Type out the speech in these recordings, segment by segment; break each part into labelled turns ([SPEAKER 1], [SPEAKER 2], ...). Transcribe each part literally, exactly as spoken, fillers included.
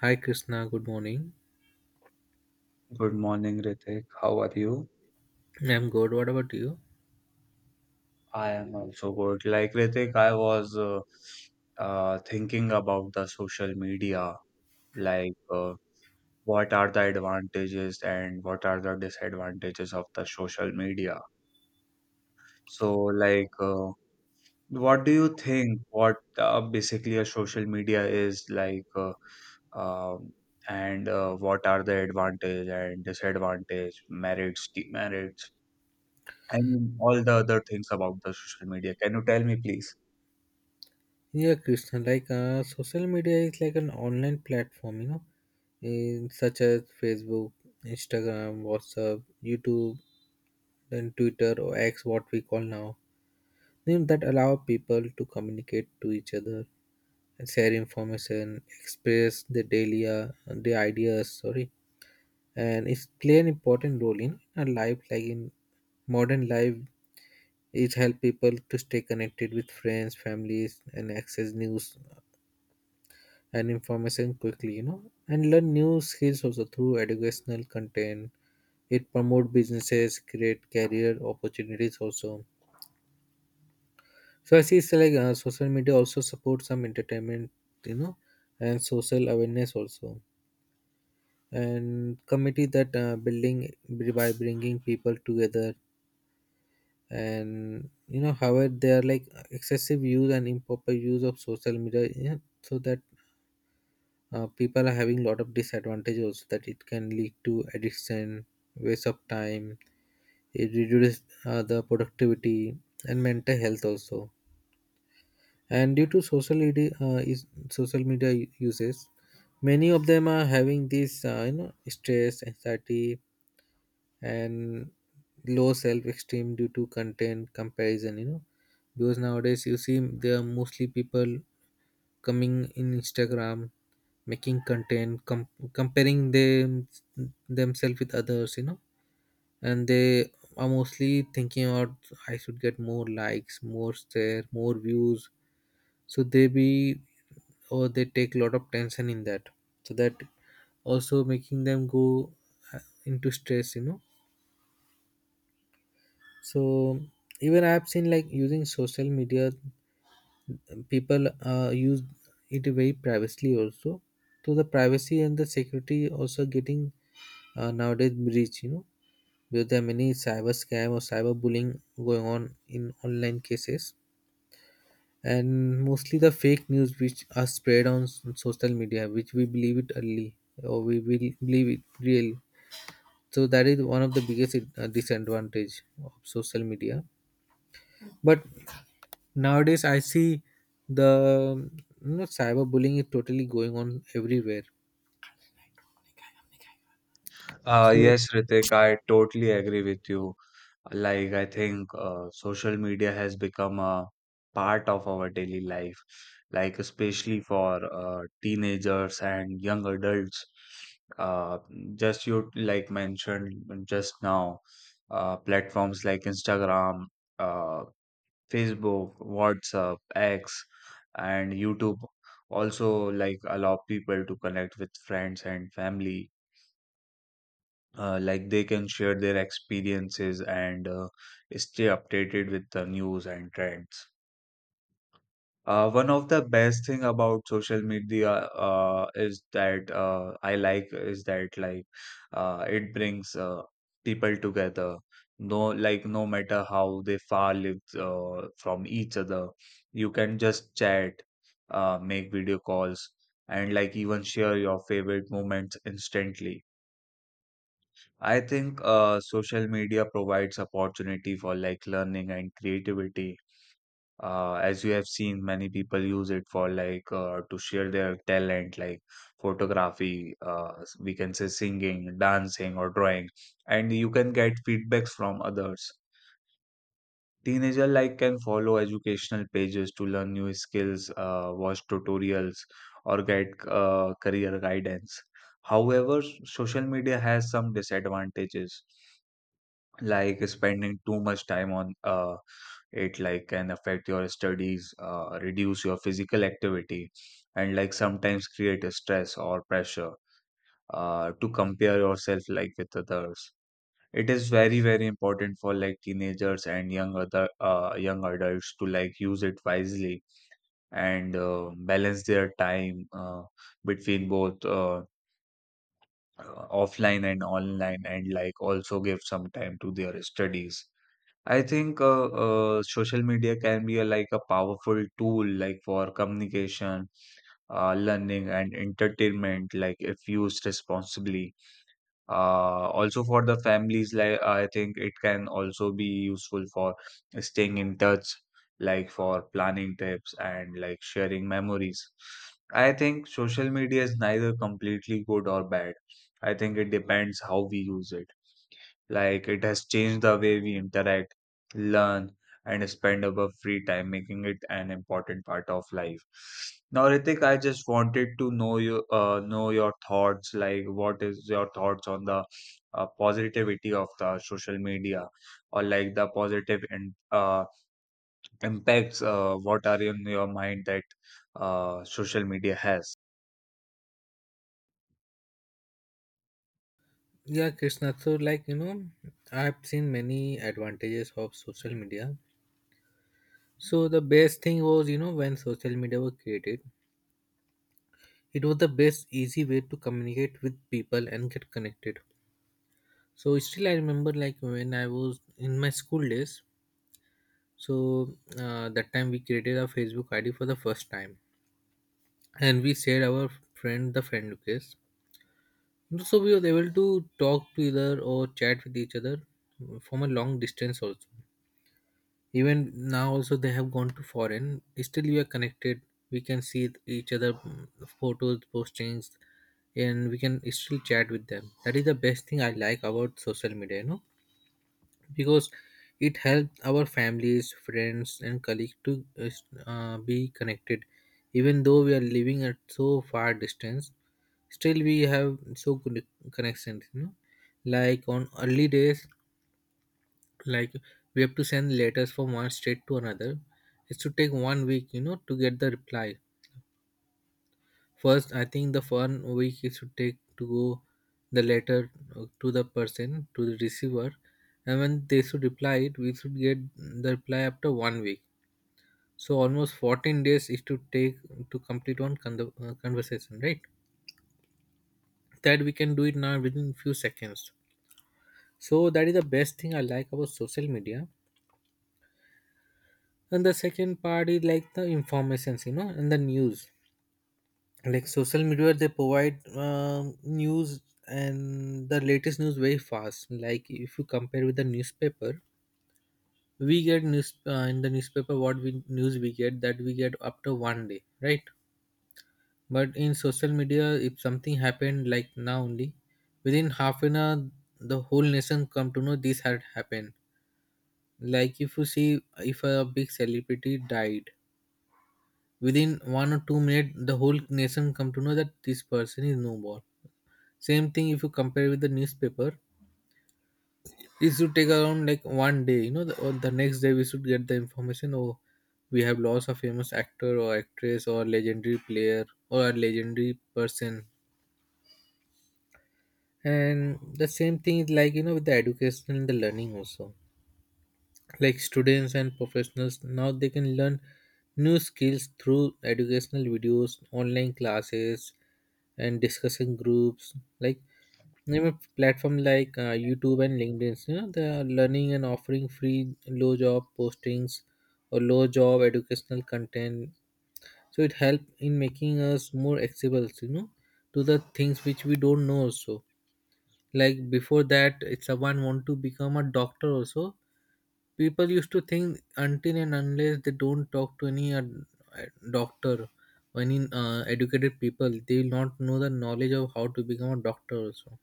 [SPEAKER 1] Hi Krishna, good morning.
[SPEAKER 2] Good morning, Ritik. How are you?
[SPEAKER 1] I'm good. What about you?
[SPEAKER 2] I am also good. Like Ritik, I was uh, uh, thinking about the social media, like uh, what are the advantages and what are the disadvantages of the social media. So, like, uh, what do you think? What uh, basically a social media is like, uh, um, and uh, what are the advantage and disadvantage, merits, demerits? I mean, all the other things about the social media. Can you tell me, please?
[SPEAKER 1] Yeah, Krishna, like uh, social media is like an online platform, you know, in such as Facebook, Instagram, WhatsApp, YouTube, then Twitter or X, what we call now, you know, that allow people to communicate to each other and share information, express their daily uh, their ideas. Sorry, and it's play an important role in our life, like in modern life. It helps people to stay connected with friends, families, and access news and information quickly, you know, and learn new skills also through educational content. It promote businesses, create career opportunities also. So I see it's like uh, social media also supports some entertainment, you know, and social awareness also. And committee that uh, building by bringing people together. And you know, however, there are like excessive use and improper use of social media, yeah, so that uh, people are having lot of disadvantages also, that it can lead to addiction, waste of time. It reduces uh, the productivity and mental health also. And due to social media uh, is social media u- uses, many of them are having this, uh, you know, stress, anxiety, and low self-esteem due to content comparison, you know, because nowadays you see there are mostly people coming in Instagram, making content, com- comparing them themselves with others, you know. And they are mostly thinking about, I should get more likes, more share, more views. So they be, or they take a lot of tension in that. So that also making them go uh, into stress, you know. So even I've seen, like, using social media, people uh, use it very privately also. So the privacy and the security also getting uh, nowadays breach, you know, because there are many cyber scam or cyber bullying going on in online cases. And mostly the fake news which are spread on s- social media, which we believe it early, or we will believe it real. So that is one of the biggest uh, disadvantage of social media. But nowadays, I see, the, you know, cyberbullying is totally going on everywhere.
[SPEAKER 2] Uh,
[SPEAKER 1] So
[SPEAKER 2] yes, Ritik, I totally agree with you. Like, I think uh, social media has become a part of our daily life, like, especially for uh, teenagers and young adults. Uh, just you like mentioned just now, uh, platforms like Instagram, uh, Facebook, WhatsApp, X, and YouTube also like allow people to connect with friends and family. Uh, like they can share their experiences and uh, stay updated with the news and trends. Uh, one of the best thing about social media uh, is that uh, I like is that like uh, it brings uh, people together. No, like no matter how they far live uh, from each other, you can just chat, uh, make video calls, and like even share your favorite moments instantly. I think uh, social media provides opportunity for like learning and creativity, uh, as you have seen many people use it for like uh, to share their talent like photography, uh, s- we can say singing, dancing, or drawing, and you can get feedbacks from others. Teenager like can follow educational pages to learn new skills, uh, watch tutorials, or get uh, career guidance. However, social media has some disadvantages, like spending too much time on uh, it like can affect your studies, uh, reduce your physical activity, and like sometimes create a stress or pressure uh, to compare yourself like with others. It is very, very important for like teenagers and young other uh, young adults to like use it wisely and uh, balance their time uh, between both uh, uh, offline and online, and like also give some time to their studies. I think uh, uh, social media can be a, like a powerful tool, like for communication, uh, learning, and entertainment, like if used responsibly. Uh, also for the families, like I think it can also be useful for staying in touch, like for planning trips and like sharing memories. I think social media is neither completely good or bad. I think it depends how we use it. Like it has changed the way we interact, learn, and spend our free time, making it an important part of life. Now, Ritik, I just wanted to know you, uh, know your thoughts. Like, what is your thoughts on the uh, positivity of the social media, or like the positive and uh, impacts? Uh, what are in your mind that uh, social media has?
[SPEAKER 1] yeah, Krishna. So like, you know, I've seen many advantages of social media. So the best thing was, you know, when social media was created, it was the best easy way to communicate with people and get connected. So still, I remember like when I was in my school days. So uh, that time we created a Facebook I D for the first time, and we shared our friend the friend request. So we were able to talk to either or chat with each other from a long distance also. Even now also, they have gone to foreign. Still we are connected. We can see each other mm, photos, postings, and we can still chat with them. That is the best thing I like about social media, you know, because it helps our families, friends, and colleagues to uh, s- uh, be connected, even though we are living at so far distance, still we have so good connections, you know. Like on early days, like, we have to send letters from one state to another. It should take one week, you know, to get the reply. First, I think the one week it should take to go the letter uh, to the person, to the receiver. And when they should reply it, we should get the reply after one week. So almost fourteen days it should take to complete one con- uh, conversation, right? That we can do it now within few seconds. So that is the best thing I like about social media. And the second part is like the informations, you know, and the news. Like social media, they provide um, news, and the latest news very fast. Like if you compare with the newspaper, we get news uh, in the newspaper, what we news we get that we get up to one day, right? But in social media, if something happened like now only, within half an hour the whole nation come to know this had happened. Like if you see, if a big celebrity died, within one or two minutes the whole nation come to know that this person is no more. Same thing, if you compare with the newspaper, it should take around like one day, you know, the, or the next day we should get the information, oh, we have lost a famous actor or actress or legendary player or a legendary person. And the same thing is, like, you know, with the education and the learning also. Like students and professionals now, they can learn new skills through educational videos, online classes, and discussion groups. Like, you know, platform like uh, YouTube and LinkedIn, you know, they are learning and offering free low job postings or low job educational content. So it help in making us more accessible, you know, to the things which we don't know also. Like before that, if someone want to become a doctor also, people used to think until and unless they don't talk to any uh, doctor or any uh, educated people, they will not know the knowledge of how to become a doctor also.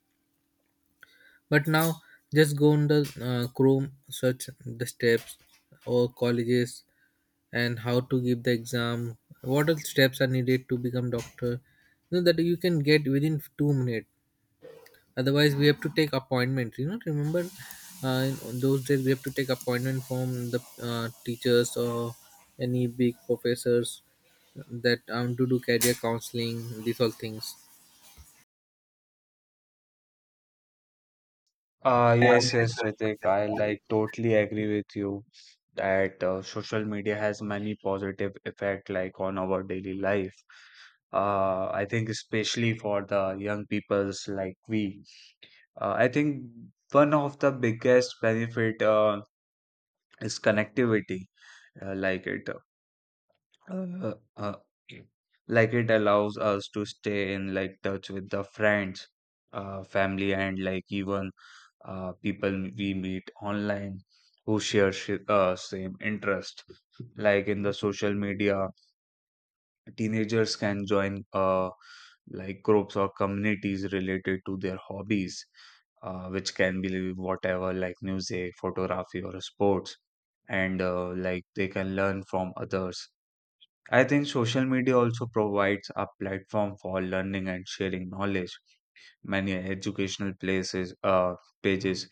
[SPEAKER 1] But now, just go on the uh, chrome search, the steps or colleges, and how to give the exam, what all steps are needed to become doctor, you know, that you can get within two minutes. Otherwise, we have to take appointment, you know, remember, uh, in those days we have to take appointment from the uh, teachers or any big professors, that um to do career counseling, these all things.
[SPEAKER 2] Uh, yes, yes, Ritik, I like totally agree with you that uh, social media has many positive effect like on our daily life. Uh, I think especially for the young peoples like we. Uh, I think one of the biggest benefit uh, is connectivity. Uh, like it uh, uh, okay. like it allows us to stay in like touch with the friends, uh, family, and like even uh, people we meet online who share shi uh, same interest. Like in the social media, teenagers can join uh, like groups or communities related to their hobbies, uh, which can be whatever like music, photography, or sports, and uh, like they can learn from others. I think social media also provides a platform for learning and sharing knowledge. Many educational places, uh, pages,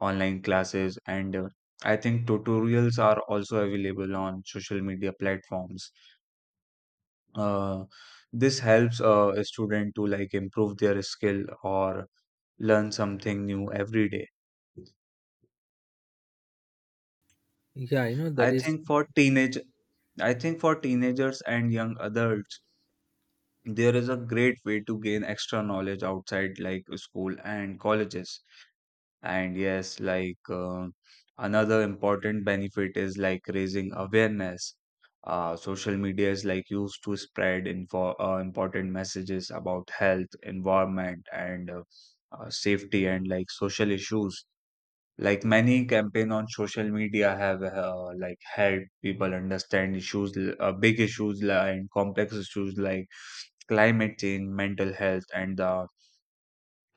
[SPEAKER 2] online classes, and uh, I think tutorials are also available on social media platforms. Uh, this helps uh, a student to like improve their skill or learn something new every day.
[SPEAKER 1] Yeah, you know that
[SPEAKER 2] I
[SPEAKER 1] is.
[SPEAKER 2] think for teenage, I think for teenagers and young adults there is a great way to gain extra knowledge outside like school and colleges. And yes, like uh, another important benefit is like raising awareness. Uh, social media is like used to spread info uh, important messages about health, environment, and uh, uh, safety and like social issues. Like many campaign on social media have uh, like helped people understand issues, l- uh, big issues li- and complex issues like climate change, mental health, and the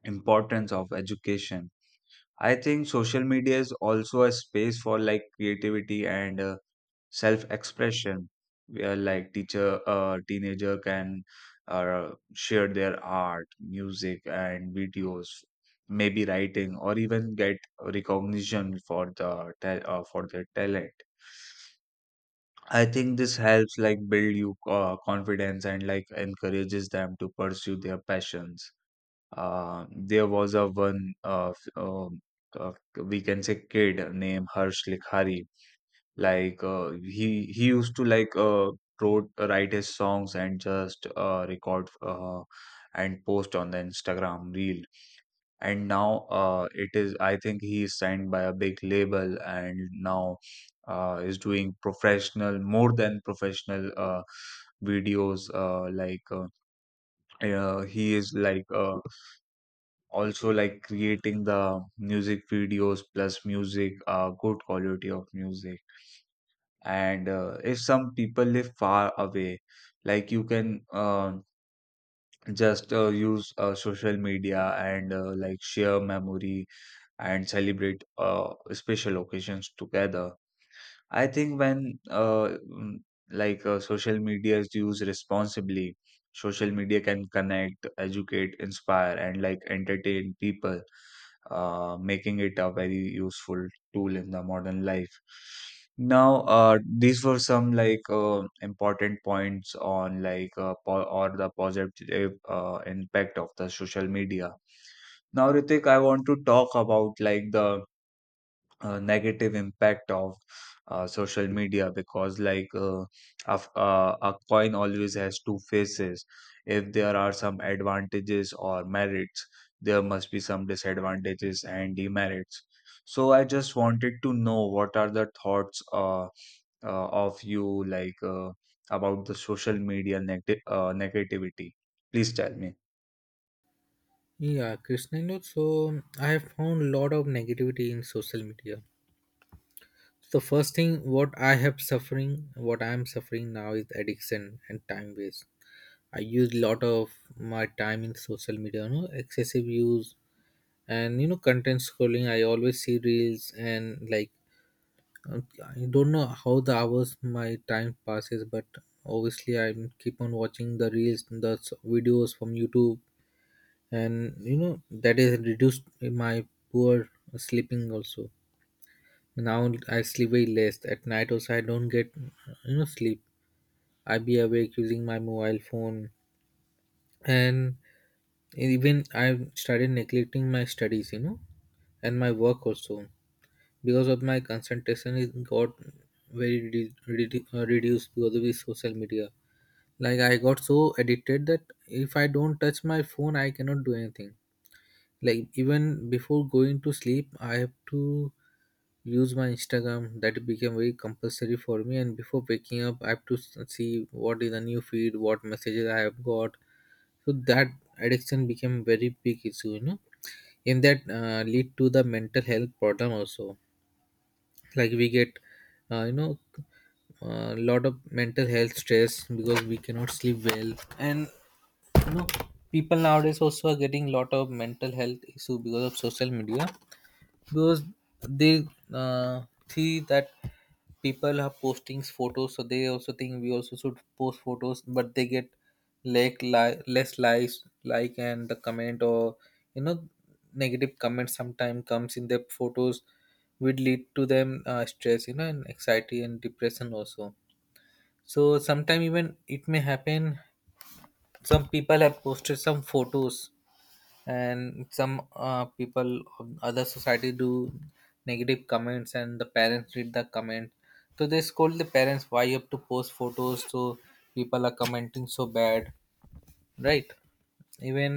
[SPEAKER 2] importance of education. I think social media is also a space for like creativity and uh, self expression, where like teacher uh, teenager can uh, share their art, music, and videos, maybe writing, or even get recognition for the ta- uh, for their talent. I think this helps like build you uh, confidence and like encourages them to pursue their passions. Uh, there was a one uh, f- um, uh, we can say kid named Harsh Likhari. Like uh, he he used to like uh, wrote uh, write his songs and just uh, record uh, and post on the Instagram reel, and now uh, it is, I think, he is signed by a big label, and now uh, is doing professional, more than professional uh, videos uh, like uh, uh, he is like uh, also like creating the music videos plus music, uh, good quality of music. And uh, if some people live far away, like you can uh, just uh, use uh, social media and uh, like share memory and celebrate uh, special occasions together. I think when uh, mm, like uh, social media is used responsibly, social media can connect, educate, inspire, and like entertain people, uh, making it a very useful tool in the modern life. Now, uh, these were some like uh, important points on like uh, po or the positive uh, impact of the social media. Now, Ritik, I want to talk about like the uh, negative impact of uh, social media, because like uh, a, f- uh, a coin always has two faces. If there are some advantages or merits, there must be some disadvantages and demerits. So I just wanted to know what are the thoughts uh, uh, of you like uh, about the social media neg- uh, negativity. Please tell me.
[SPEAKER 1] Yeah, Krishna, you know, so um, I have found a lot of negativity in social media. The first thing, what i have suffering what I am suffering now is addiction and time waste. I use lot of my time in social media, you know, excessive use. And you know, content scrolling, I always see reels and like, uh, I don't know how the hours my time passes, but obviously I keep on watching the reels, the s- videos from YouTube. And you know, that is reduced my poor sleeping also. Now I sleep way less at night also, I don't get, you know, sleep. I be awake using my mobile phone. And even I started neglecting my studies, you know, and my work also, because of my concentration is got very re- redu- uh, reduced because of the social media. Like I got so addicted that if I don't touch my phone, I cannot do anything. Like even before going to sleep, I have to use my Instagram. That became very compulsory for me. And before waking up, I have to s- see what is the new feed, what messages I have got. So that addiction became very big issue, you know. In that uh, lead to the mental health problem also. Like we get, uh, you know, a lot of mental health stress because we cannot sleep well. And, you know, people nowadays also are getting lot of mental health issue because of social media, because they, uh, see that people are posting photos, so they also think we also should post photos, but they get like li- less likes, like, and the comment, or, you know, negative comments sometimes comes in their photos, would lead to them uh, stress, you know, and anxiety and depression also. So sometime, even it may happen, some people have posted some photos, and some uh, people of other society do negative comments, and the parents read the comment. So they scold the parents, why you have to post photos, so people are commenting so bad, right? Even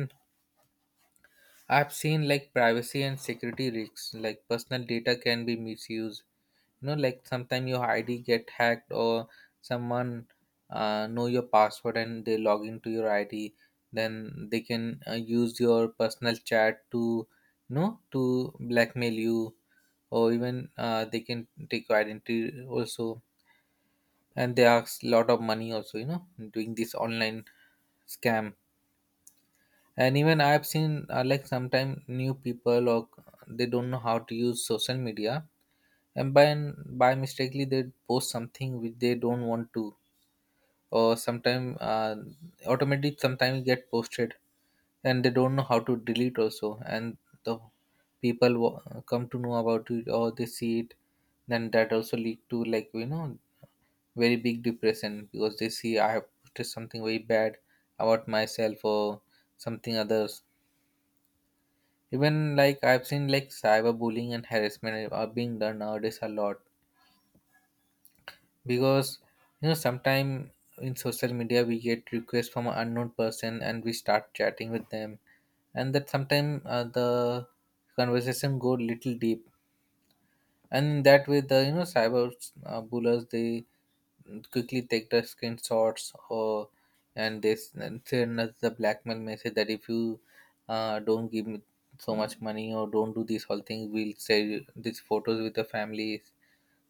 [SPEAKER 1] I've seen like privacy and security risks, like personal data can be misused. You know, like sometimes your I D get hacked, or someone uh, know your password and they log into your I D. Then they can uh, use your personal chat to, you know, to blackmail you, or even uh, they can take your identity also. And they ask lot of money also, you know, doing this online scam. And even I've seen uh, like sometimes new people or they don't know how to use social media, and by by mistakenly they post something which they don't want to, or sometimes uh, automatically sometimes get posted, and they don't know how to delete also. And the people w- come to know about it or they see it, then that also lead to, like, you know, very big depression, because they see I have posted something very bad about myself or something other. Even like I've seen like cyberbullying and harassment are being done nowadays a lot, because, you know, sometime in social media we get requests from an unknown person and we start chatting with them, and that sometime uh, the conversation go little deep, and in that way the, you know, cyber uh, bullies, they quickly take the screenshots, or and they s- and send us the blackmail message that if you uh, don't give me so much money or don't do this whole thing, we'll share you- these photos with the families,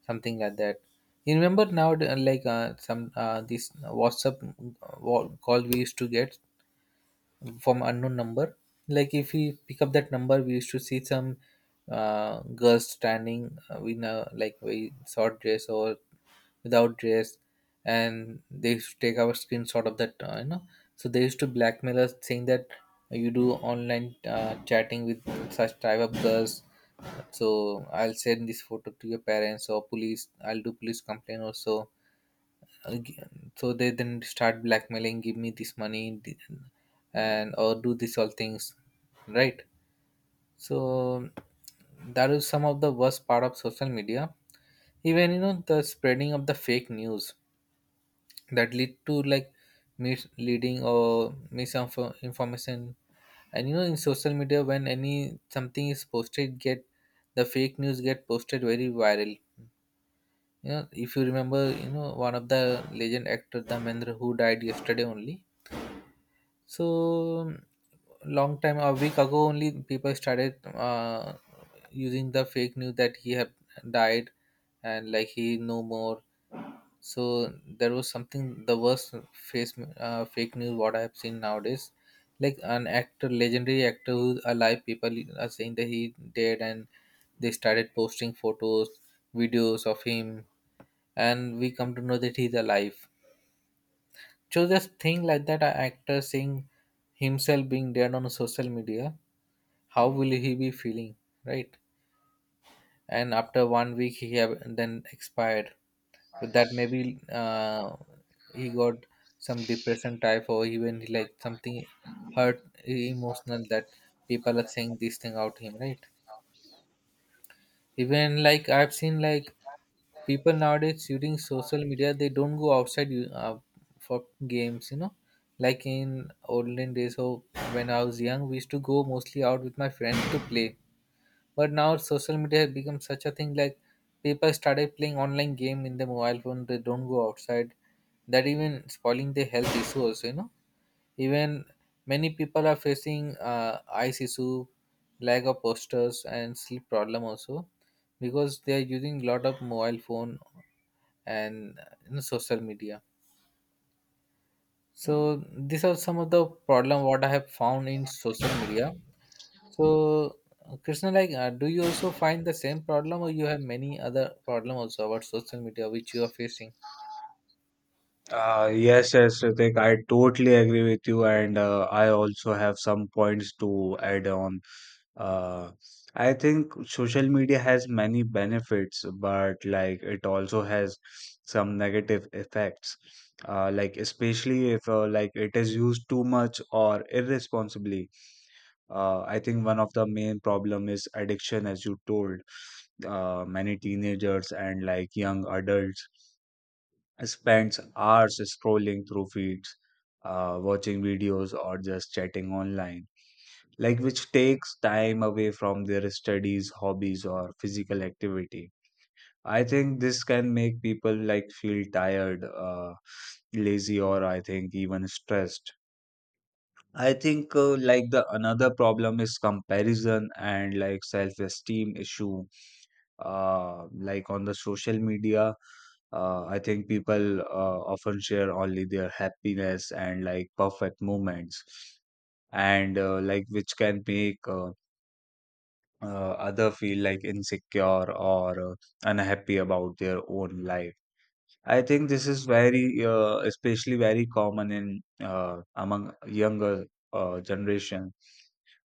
[SPEAKER 1] something like that. You remember now, uh, like, uh, some, uh, this WhatsApp uh, wa- call we used to get from unknown number. Like if we pick up that number, we used to see some uh, girls standing uh, in a like very short dress or without dress, and they used to take our screenshot of that. Uh, you know, so they used to blackmail us, saying that you do online uh, chatting with such type of girls. So I'll send this photo to your parents or police. I'll do police complaint also. Again, so they then start blackmailing, give me this money th- and or do this all things, right? So that is some of the worst part of social media. Even, you know, the spreading of the fake news, that lead to like misleading or misinformation. And you know, in social media when any something is posted get, the fake news get posted very viral. You know, if you remember, you know, one of the legend actor, the Dhamendra, who died yesterday only. So long time, a week ago only, people started uh, using the fake news that he had died and like he no more. So there was something the worst face, uh, fake news what I have seen nowadays. Like an actor, legendary actor who's alive, people are saying that he dead, and they started posting photos, videos of him, and we come to know that he's alive. So just think like that, a actor seeing himself being dead on social media, how will he be feeling, right? And after one week, he have then expired. But that maybe uh, he got some depression type, or even like something hurt emotional, that people are saying this thing out him, right? Even like I've seen like people nowadays using social media, they don't go outside you- uh, for games, you know, like in olden days. So when I was young, we used to go mostly out with my friends to play, but now social media has become such a thing like people started playing online game in the mobile phone, they don't go outside. That even spoiling their health issue also, you know. Even many people are facing uh, eyes issue, lack of postures, and sleep problem also, because they are using lot of mobile phone and, uh, you know, social media. So these are some of the problem what I have found in social media. So, uh, Krishna, like, uh, do you also find the same problem, or you have many other problem also about social media which you are facing?
[SPEAKER 2] Uh, yes, yes, Ritik, I totally agree with you, and uh, I also have some points to add on. Uh, I think social media has many benefits, but like it also has some negative effects. Uh, like especially if uh, like it is used too much or irresponsibly. Uh, I think one of the main problem is addiction, as you told. Uh, many teenagers and like young adults spends hours scrolling through feeds, uh, watching videos, or just chatting online, like which takes time away from their studies, hobbies, or physical activity. I think this can make people like feel tired, uh, lazy, or I think even stressed. I think uh, like the another problem is comparison and like self-esteem issue. Uh, like on the social media, uh, I think people uh, often share only their happiness and like perfect moments, and uh, like which can make uh, uh, other feel like insecure or uh, unhappy about their own life. I think this is very, uh, especially very common in uh, among younger uh, generation,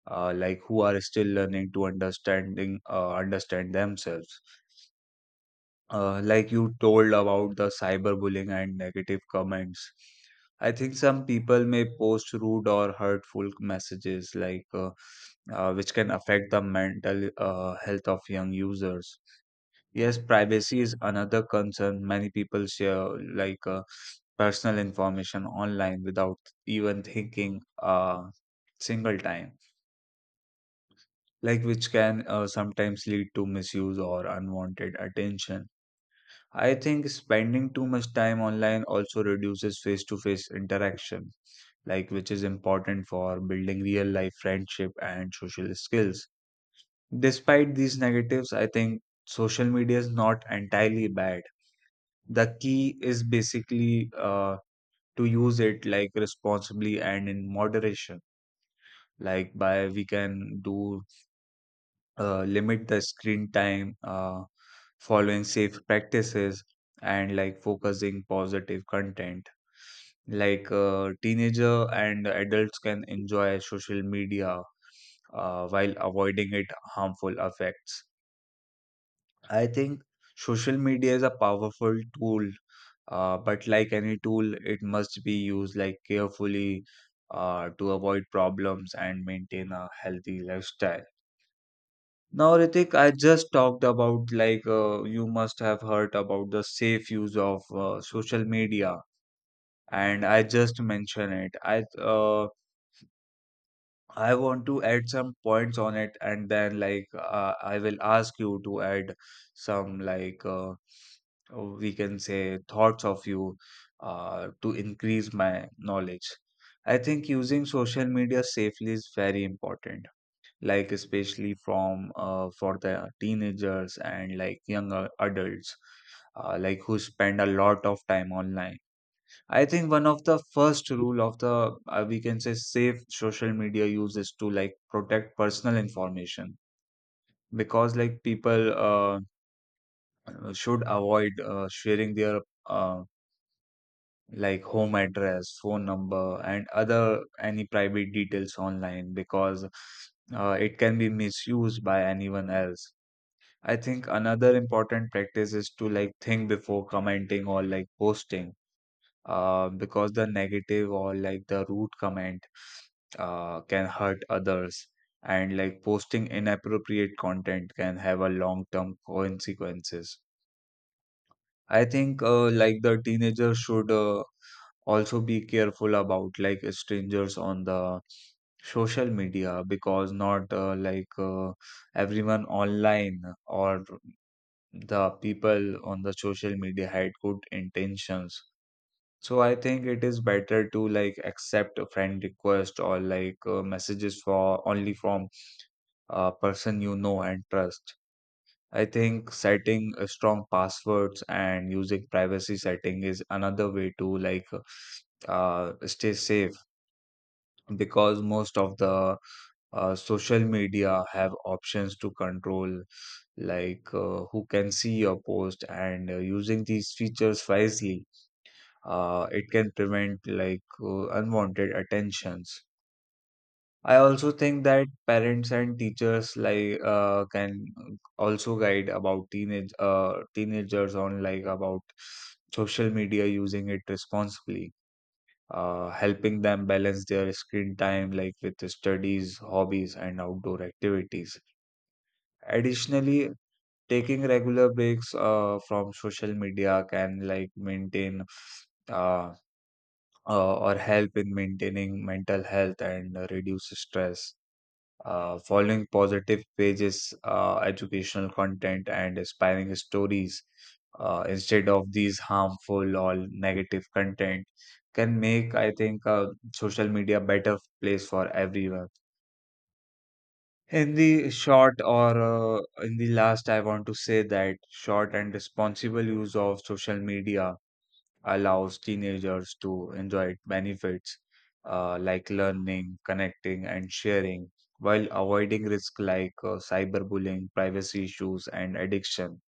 [SPEAKER 2] uh, like who are still learning to understanding uh, understand themselves. Uh, like you told about the cyberbullying and negative comments. I think some people may post rude or hurtful messages, like uh, uh, which can affect the mental uh, health of young users. Yes, privacy is another concern. Many people share like uh, personal information online without even thinking a single time, like which can uh, sometimes lead to misuse or unwanted attention. I think spending too much time online also reduces face to face interaction, like which is important for building real life friendship and social skills. Despite these negatives, I think social media is not entirely bad. The key is basically uh, to use it like responsibly and in moderation. Like by we can do, uh, limit the screen time, uh, following safe practices, and like focusing positive content. Like uh, teenager and adults can enjoy social media uh, while avoiding it harmful effects. I think social media is a powerful tool, uh, but like any tool, it must be used like carefully uh, to avoid problems and maintain a healthy lifestyle. Now, Ritik, I just talked about like uh, you must have heard about the safe use of uh, social media, and I just mentioned it. I uh, I want to add some points on it, and then like uh, I will ask you to add some like uh, we can say thoughts of you uh, to increase my knowledge. I think using social media safely is very important, like especially from uh, for the teenagers and like younger adults, uh, like who spend a lot of time online. I think one of the first rule of the uh, we can say safe social media use is to like protect personal information, because like people uh, should avoid uh, sharing their uh, like home address, phone number, and other any private details online, because uh, it can be misused by anyone else. I think another important practice is to like think before commenting or like posting, uh, because the negative or like the rude comment uh, can hurt others, and like posting inappropriate content can have a long-term consequences. I think uh, like the teenager should uh, also be careful about like strangers on the social media, because not uh, like uh, everyone online or the people on the social media had good intentions. So I think it is better to like accept a friend request or like uh, messages for only from a person you know and trust. I think setting uh, strong passwords and using privacy setting is another way to like uh, stay safe, because most of the uh, social media have options to control like uh, who can see your post, and uh, using these features wisely uh, it can prevent like uh, unwanted attentions. I also think that parents and teachers like uh, can also guide about teenage uh, teenagers on like about social media, using it responsibly, uh, helping them balance their screen time like with the studies, hobbies, and outdoor activities. Additionally, taking regular breaks uh, from social media can like maintain uh, uh, or help in maintaining mental health and uh, reduce stress. Uh, following positive pages, uh, educational content, and inspiring stories uh, instead of these harmful or negative content can make, I think, uh, social media a better place for everyone. In the short, or uh, in the last, I want to say that short and responsible use of social media allows teenagers to enjoy its benefits, uh, like learning, connecting, and sharing, while avoiding risk like uh, cyberbullying, privacy issues, and addiction.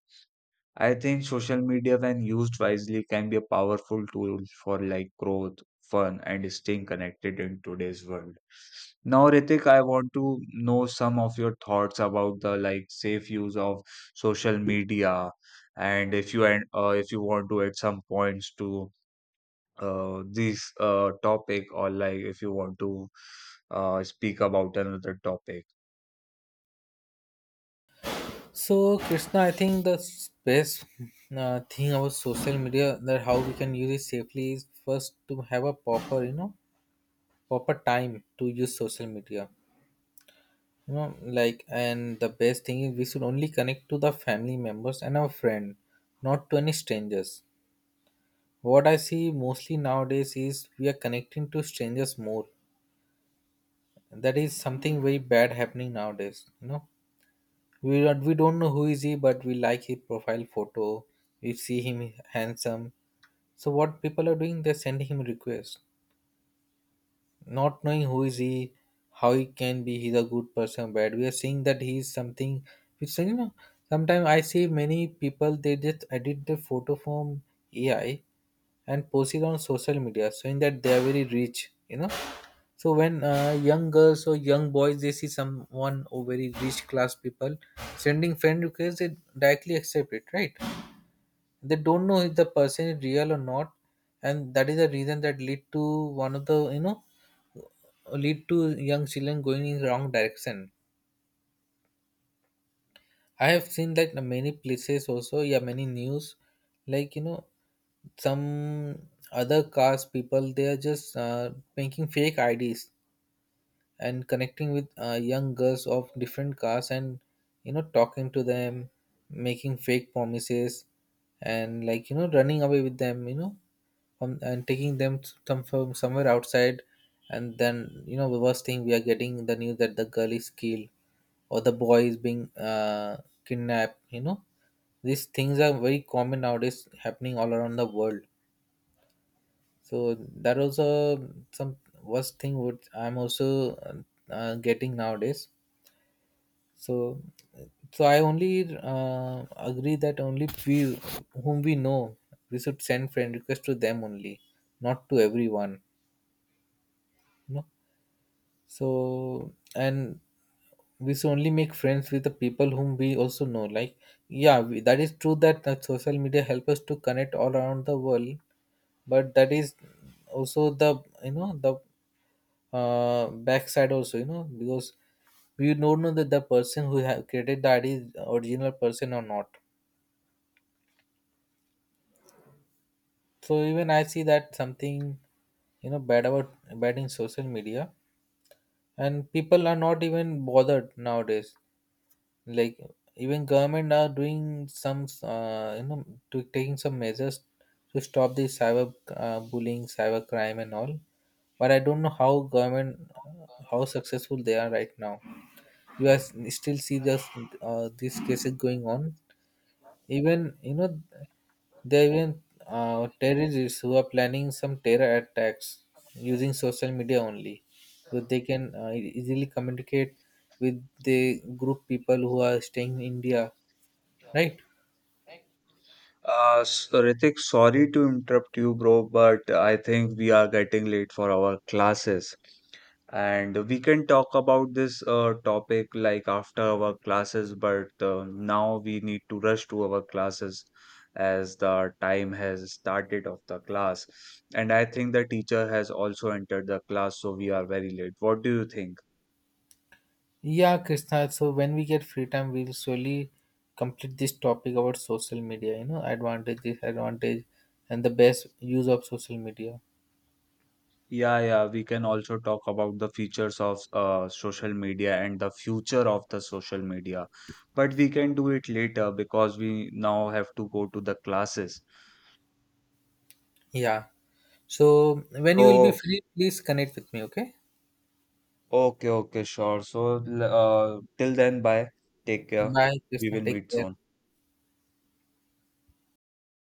[SPEAKER 2] I think social media, when used wisely, can be a powerful tool for like growth, fun, and staying connected in today's world. Now, Ritik, I want to know some of your thoughts about the like safe use of social media, and if you, and uh, if you want to add some points to uh, this uh, topic, or like if you want to uh, speak about another topic.
[SPEAKER 1] So, Krishna, I think the s- best uh, thing about social media, that how we can use it safely, is first to have a proper, you know, proper time to use social media. You know, like, and the best thing is we should only connect to the family members and our friend, not to any strangers. What I see mostly nowadays is we are connecting to strangers more. That is something very bad happening nowadays, you know. We don't, we don't know who is he, but we like his profile photo. We see him handsome. So what people are doing, they're sending him requests, not knowing who is he, how he can be. He's a good person, bad. We are seeing that he is something. Which, you know, sometimes I see many people, they just edit the photo from A I and post it on social media, showing that they are very rich. You know, so when uh, young girls or young boys they see someone or very rich class people sending friend requests, they directly accept it, right? They don't know if the person is real or not, and that is the reason that lead to one of the, you know, lead to young children going in wrong direction. I have seen that in many places also, yeah, many news, like, you know, some other caste people, they are just uh, making fake I Ds and connecting with uh, young girls of different castes, and you know, talking to them, making fake promises, and, like, you know, running away with them, you know, from, and taking them to some from somewhere outside. And then you know, the worst thing, we are getting the news that the girl is killed or the boy is being uh, kidnapped, you know. These things are very common nowadays, happening all around the world. So that also some worst thing would I'm also uh, uh, getting nowadays. So so I only uh, agree that only we, whom we know, we should send friend request to them only, not to everyone, you know. So, and we should only make friends with the people whom we also know. Like, yeah, we, that is true that, that social media help us to connect all around the world, but that is also the, you know, the uh, backside also, you know, because we don't know that the person who have created the I D is original person or not. So even I see that something, you know, bad about, bad in social media, and people are not even bothered nowadays. Like, even government are doing some, uh, you know, to taking some measures to stop the cyber uh, bullying, cyber crime, and all. But I don't know how government, uh, how successful they are right now. You are s- still see this uh, these cases going on. Even, you know, there are even uh, terrorists who are planning some terror attacks using social media only, so they can uh, e- easily communicate with the group people who are staying in India, right?
[SPEAKER 2] Uh, so Ritik, sorry to interrupt you, bro, but I think we are getting late for our classes. And we can talk about this uh, topic like after our classes, but uh, now we need to rush to our classes, as the time has started of the class. And I think the teacher has also entered the class, so we are very late. What do you think?
[SPEAKER 1] Yeah, Krishna, so when we get free time, we'll slowly complete this topic about social media, you know, advantage, disadvantage, and the best use of social media.
[SPEAKER 2] Yeah, yeah, we can also talk about the features of uh, social media and the future of the social media. But we can do it later because we now have to go to the classes.
[SPEAKER 1] Yeah. So when you will be
[SPEAKER 2] So,
[SPEAKER 1] free, please connect with me. Okay.
[SPEAKER 2] okay, okay, sure. So, l- uh, till then, bye. Take care.
[SPEAKER 1] Bye,
[SPEAKER 2] We
[SPEAKER 1] Krishna.
[SPEAKER 2] will
[SPEAKER 1] Take
[SPEAKER 2] meet
[SPEAKER 1] care.
[SPEAKER 2] soon.